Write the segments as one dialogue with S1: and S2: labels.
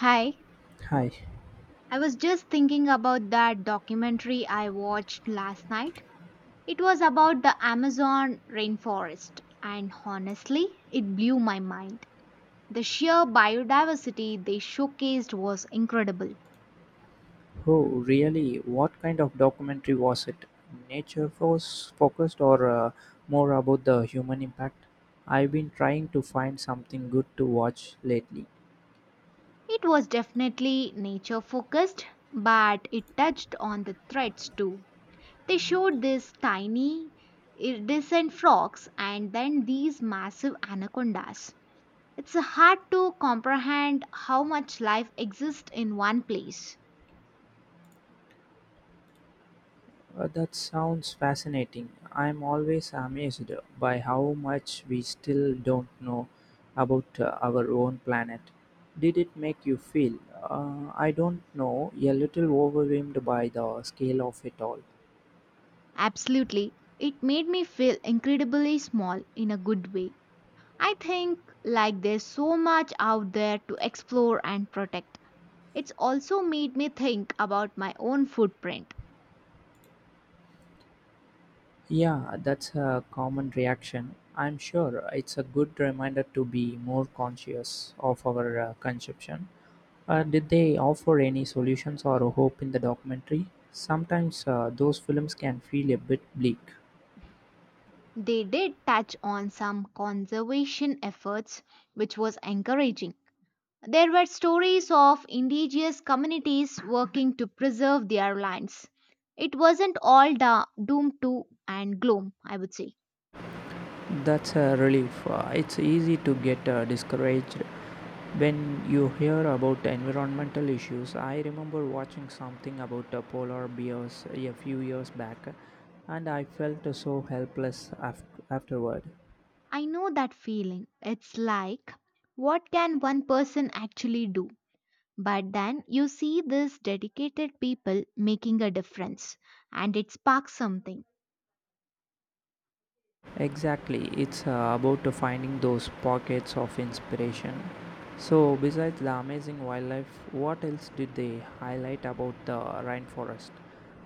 S1: Hi,
S2: Hi.
S1: I was just thinking about that documentary I watched last night. It was about the Amazon rainforest, and honestly, it blew my mind. The sheer biodiversity they showcased was incredible.
S2: Oh, really? What kind of documentary was it? Nature focused or more about the human impact? I've been trying to find something good to watch lately.
S1: It was definitely nature focused, but it touched on the threats too. They showed these tiny, iridescent frogs and then these massive anacondas. It's hard to comprehend how much life exists in one place.
S2: That sounds fascinating. I'm always amazed by how much we still don't know about our own planet. Did it make you feel? I don't know, a little overwhelmed by the scale of it all.
S1: Absolutely. It made me feel incredibly small in a good way. I think like there's so much out there to explore and protect. It's also made me think about my own footprint.
S2: Yeah, that's a common reaction. I'm sure it's a good reminder to be more conscious of our consumption. Did they offer any solutions or hope in the documentary? Sometimes those films can feel a bit bleak.
S1: They did touch on some conservation efforts, which was encouraging. There were stories of indigenous communities working to preserve their lands. It wasn't all doom to and gloom, I would say.
S2: That's a relief. It's easy to get discouraged when you hear about environmental issues. I remember watching something about polar bears a few years back, and I felt so afterward.
S1: I know that feeling. It's like, what can one person actually do? But then you see these dedicated people making a difference, and it sparks something.
S2: Exactly, it's about to finding those pockets of inspiration. So, besides the amazing wildlife, what else did they highlight about the rainforest?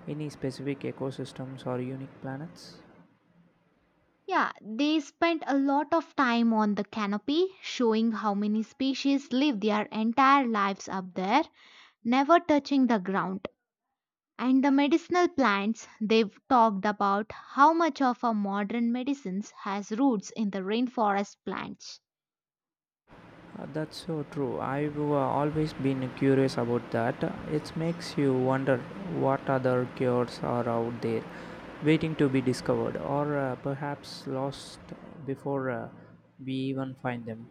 S2: Any specific ecosystems or unique planets?
S1: Yeah, they spent a lot of time on the canopy, showing how many species live their entire lives up there, never touching the ground. And the medicinal plants, they've talked about how much of our modern medicines has roots in the rainforest plants.
S2: That's so true. I've always been curious about that. It makes you wonder what other cures are out there waiting to be discovered or perhaps lost before we even find them.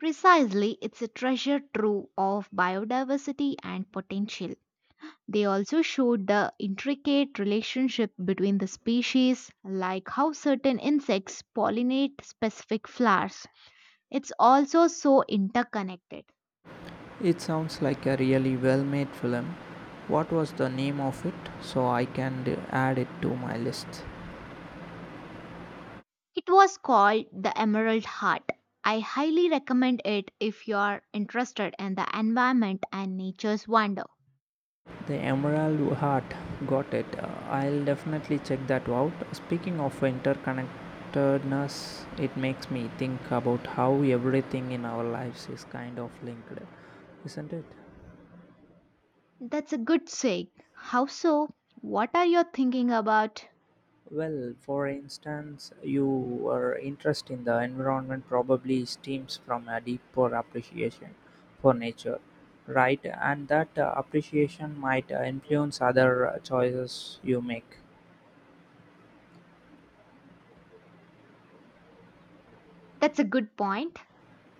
S1: Precisely, it's a treasure trove of biodiversity and potential. They also showed the intricate relationship between the species, like how certain insects pollinate specific flowers. It's also so interconnected.
S2: It sounds like a really well made film. What was the name of it so I can add it to my list?
S1: It was called the Emerald Heart. I highly recommend it if you are interested in the environment and nature's wonder.
S2: The Emerald Heart. Got it. I'll definitely check that out. Speaking of interconnectedness, it makes me think about how everything in our lives is kind of linked, isn't it?
S1: That's a good say. How so? What are you thinking about?
S2: Well, for instance, your interest in the environment probably stems from a deeper appreciation for nature, right? And that appreciation might influence other choices you make.
S1: That's a good point.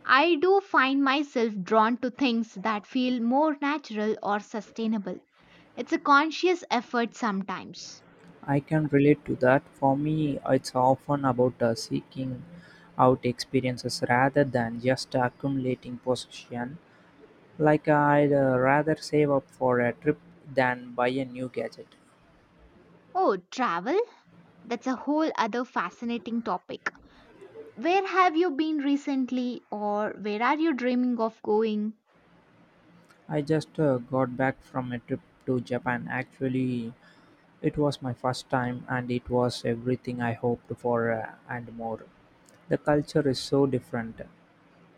S1: I do find myself drawn to things that feel more natural or sustainable. It's a conscious effort sometimes.
S2: I can relate to that. For me, it's often about seeking out experiences rather than just accumulating possession. Like I'd rather save up for a trip than buy a new gadget.
S1: Oh, travel? That's a whole other fascinating topic. Where have you been recently, or where are you dreaming of going?
S2: I just got back from a trip to Japan. Actually, it was my first time and it was everything I hoped for and more. The culture is so different,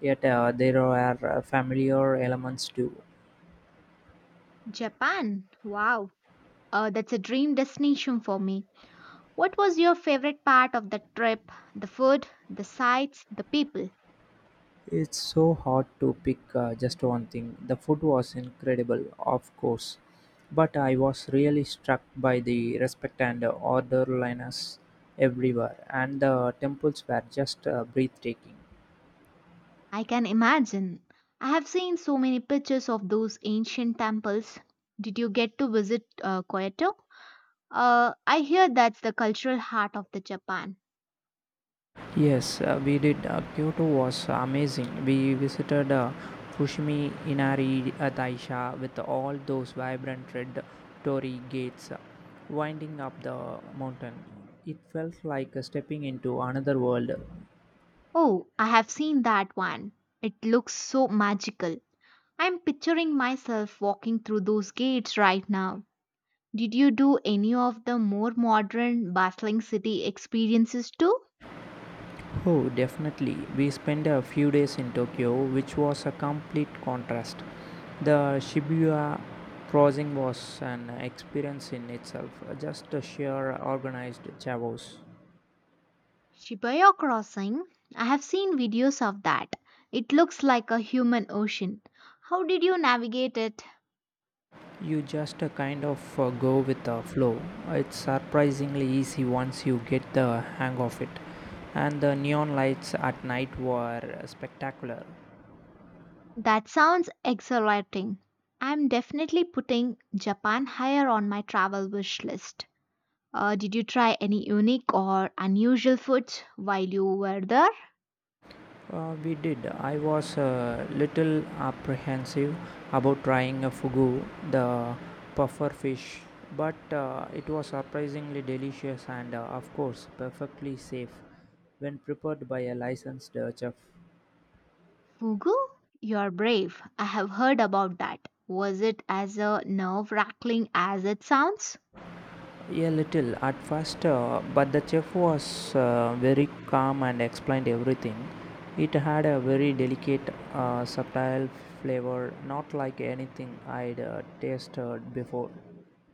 S2: yet there are familiar elements too.
S1: Japan. Wow. That's a dream destination for me. What was your favorite part of the trip? The food, the sights, the people?
S2: It's so hard to pick just one thing. The food was incredible, of course, but I was really struck by the respect and orderliness everywhere, and the temples were just breathtaking.
S1: I can imagine. I have seen so many pictures of those ancient temples. Did you get to visit Kyoto? I hear that's the cultural heart of the Japan.
S2: Yes, we did. Kyoto was amazing. We visited Fushimi Inari Taisha with all those vibrant red torii gates winding up the mountain. It felt like stepping into another world.
S1: Oh, I have seen that one. It looks so magical. I'm picturing myself walking through those gates right now. Did you do any of the more modern, bustling city experiences too?
S2: Oh, definitely. We spent a few days in Tokyo, which was a complete contrast. The Shibuya crossing was an experience in itself, just a sheer organized chaos.
S1: Shibuya Crossing. I have seen videos of that. It looks like a human ocean. How did you navigate it?
S2: You just kind of go with the flow. It's surprisingly easy once you get the hang of it. And the neon lights at night were spectacular.
S1: That sounds exhilarating. I'm definitely putting Japan higher on my travel wish list. Did you try any unique or unusual foods while you were there?
S2: We did. I was a little apprehensive about trying a fugu, the puffer fish, but it was surprisingly delicious and, of course, perfectly safe when prepared by a licensed chef.
S1: Fugu? You're brave. I have heard about that. Was it as a nerve rattling as it sounds?
S2: A little at first, but the chef was very calm and explained everything. It had a very delicate, subtle flavor, not like anything I'd tasted before.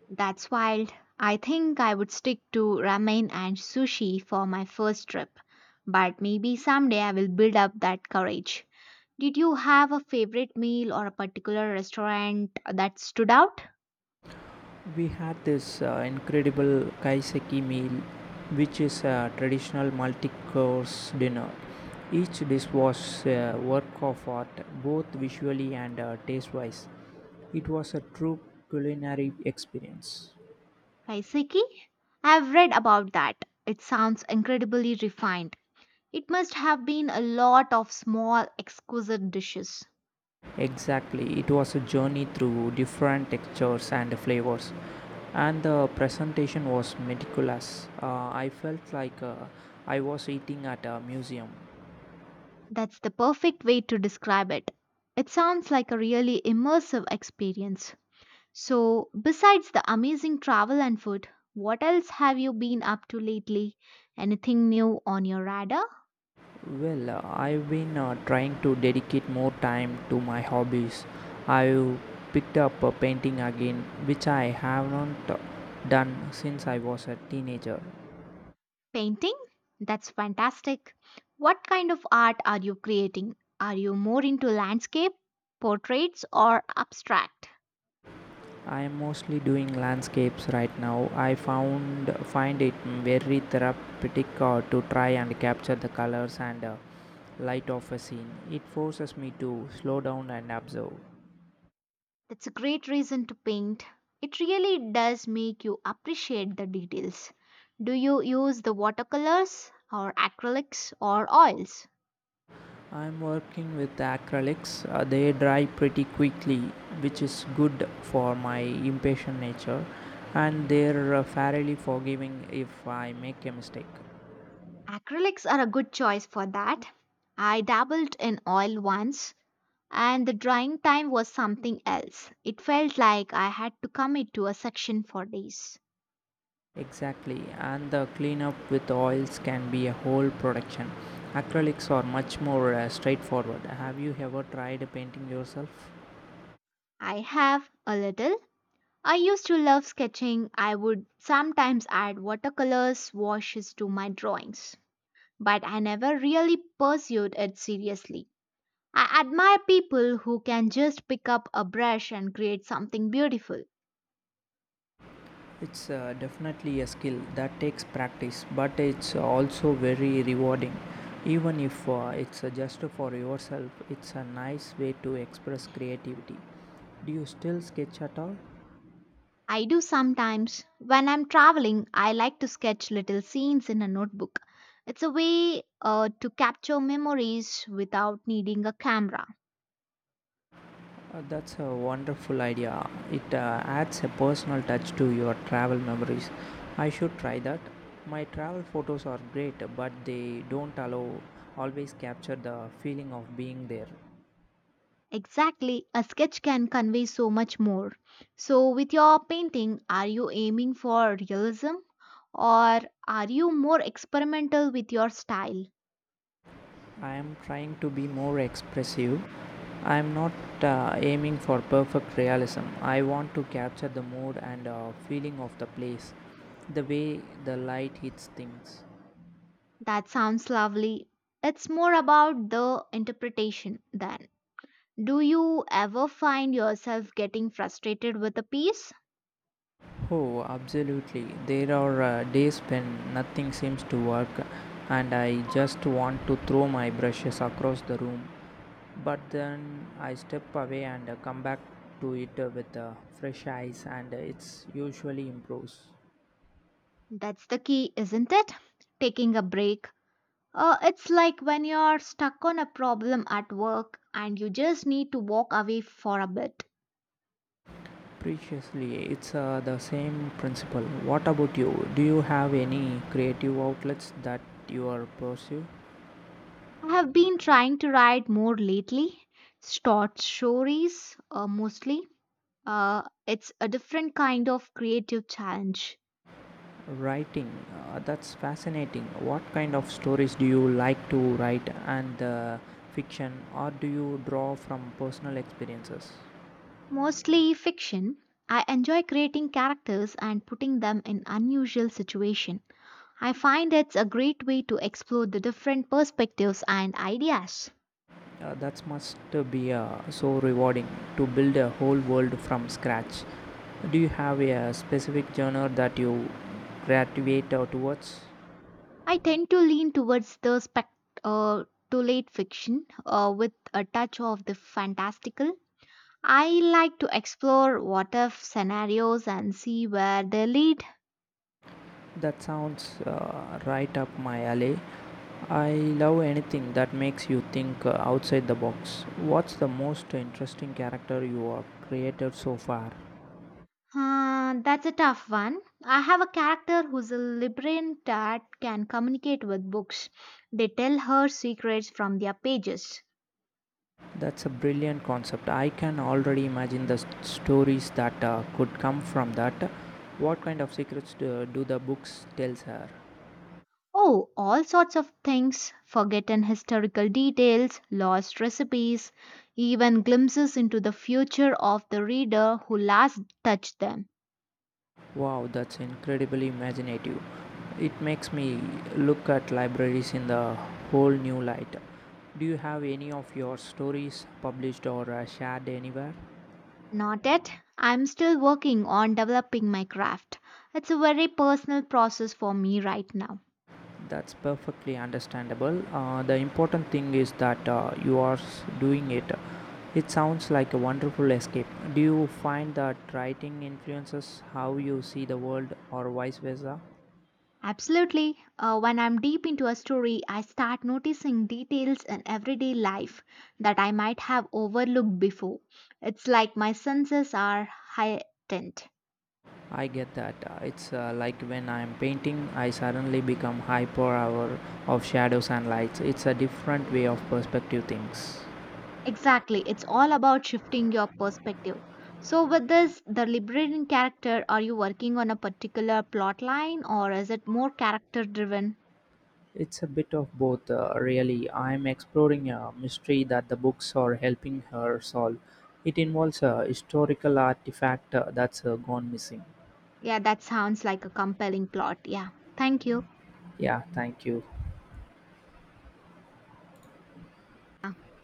S1: That's wild. I think I would stick to ramen and sushi for my first trip. But maybe someday I will build up that courage. Did you have a favorite meal or a particular restaurant that stood out?
S2: We had this incredible kaiseki meal, which is a traditional multi course dinner. Each dish was a work of art, both visually and taste wise. It was a true culinary experience.
S1: Kaiseki? I've read about that. It sounds incredibly refined. It must have been a lot of small, exquisite dishes.
S2: Exactly, it was a journey through different textures and flavors, and the presentation was meticulous. I felt like I was eating at a museum.
S1: That's the perfect way to describe it. It sounds like a really immersive experience. So, besides the amazing travel and food, what else have you been up to lately? Anything new on your radar?
S2: Well, I've been trying to dedicate more time to my hobbies. I picked up a painting again, which I have not done since I was a teenager.
S1: Painting? That's fantastic. What kind of art are you creating? Are you more into landscape, portraits, or abstract?
S2: I am mostly doing landscapes right now. I found find it very therapeutic to try and capture the colors and light of a scene. It forces me to slow down and observe.
S1: That's a great reason to paint. It really does make you appreciate the details. Do you use the watercolors or acrylics or oils?
S2: I'm working with acrylics. They dry pretty quickly, which is good for my impatient nature, and they're fairly forgiving if I make a mistake.
S1: Acrylics are a good choice for that. I dabbled in oil once and the drying time was something else. It felt like I had to commit to a section for days.
S2: Exactly, and the cleanup with oils can be a whole production. Acrylics are much more straightforward. Have you ever tried painting yourself?
S1: I have a little. I used to love sketching. I would sometimes add watercolors washes to my drawings, but I never really pursued it seriously. I admire people who can just pick up a brush and create something beautiful.
S2: It's definitely a skill that takes practice, but it's also very rewarding. Even if it's just for yourself, it's a nice way to express creativity. Do you still sketch at all?
S1: I do sometimes. When I'm traveling, I like to sketch little scenes in a notebook. It's a way to capture memories without needing a camera.
S2: That's a wonderful idea. It adds a personal touch to your travel memories. I should try that. My travel photos are great, but they don't allow always capture the feeling of being there.
S1: Exactly, a sketch can convey so much more. So, with your painting, are you aiming for realism or are you more experimental with your style?
S2: I am trying to be more expressive. I am not aiming for perfect realism. I want to capture the mood and feeling of the place, the way the light hits things.
S1: That sounds lovely. It's more about the interpretation then. Do you ever find yourself getting frustrated with a piece?
S2: Oh, absolutely. There are days when nothing seems to work and I just want to throw my brushes across the room. But then I step away and come back to it with fresh eyes and it's usually improves.
S1: That's the key, isn't it? Taking a break. It's like when you're stuck on a problem at work and you just need to walk away for a bit.
S2: Preciously, it's the same principle. What about you? Do you have any creative outlets that you are pursue?
S1: I have been trying to write more lately, short stories mostly. It's a different kind of creative challenge.
S2: Writing, that's fascinating. What kind of stories do you like to write and fiction, or do you draw from personal experiences?
S1: Mostly fiction. I enjoy creating characters and putting them in unusual situations. I find it's a great way to explore the different perspectives and ideas.
S2: That must be so rewarding to build a whole world from scratch. Do you have a specific genre that you gravitate towards?
S1: I tend to lean towards the uh, to late fiction with a touch of the fantastical. I like to explore what if scenarios and see where they lead.
S2: That sounds right up my alley. I love anything that makes you think outside the box. What's the most interesting character you have created so far?
S1: That's a tough one. I have a character who's a librarian that can communicate with books. They tell her secrets from their pages.
S2: That's a brilliant concept. I can already imagine the stories that could come from that. What kind of secrets do the books tells her?
S1: Oh, all sorts of things forgotten historical details, lost recipes, even glimpses into the future of the reader who last touched them.
S2: Wow, that's incredibly imaginative. It makes me look at libraries in the whole new light. Do you have any of your stories published or shared anywhere?
S1: Not yet. I'm still working on developing my craft. It's a very personal process for me right now.
S2: That's perfectly understandable. The important thing is that you are doing it. It sounds like a wonderful escape. Do you find that writing influences how you see the world or vice versa?
S1: Absolutely. When I'm deep into a story, I start noticing details in everyday life that I might have overlooked before. It's like my senses are heightened.
S2: I get that. It's like when I'm painting, I suddenly become hyper aware of shadows and lights. It's a different way of perspective things.
S1: Exactly. It's all about shifting your perspective. So, with this, the liberating character, are you working on a particular plot line or is it more character driven?
S2: It's a bit of both, really. I'm exploring a mystery that the books are helping her solve. It involves a historical artifact that's gone missing.
S1: Yeah, that sounds like a compelling plot. Yeah. Thank you.
S2: Yeah, thank you.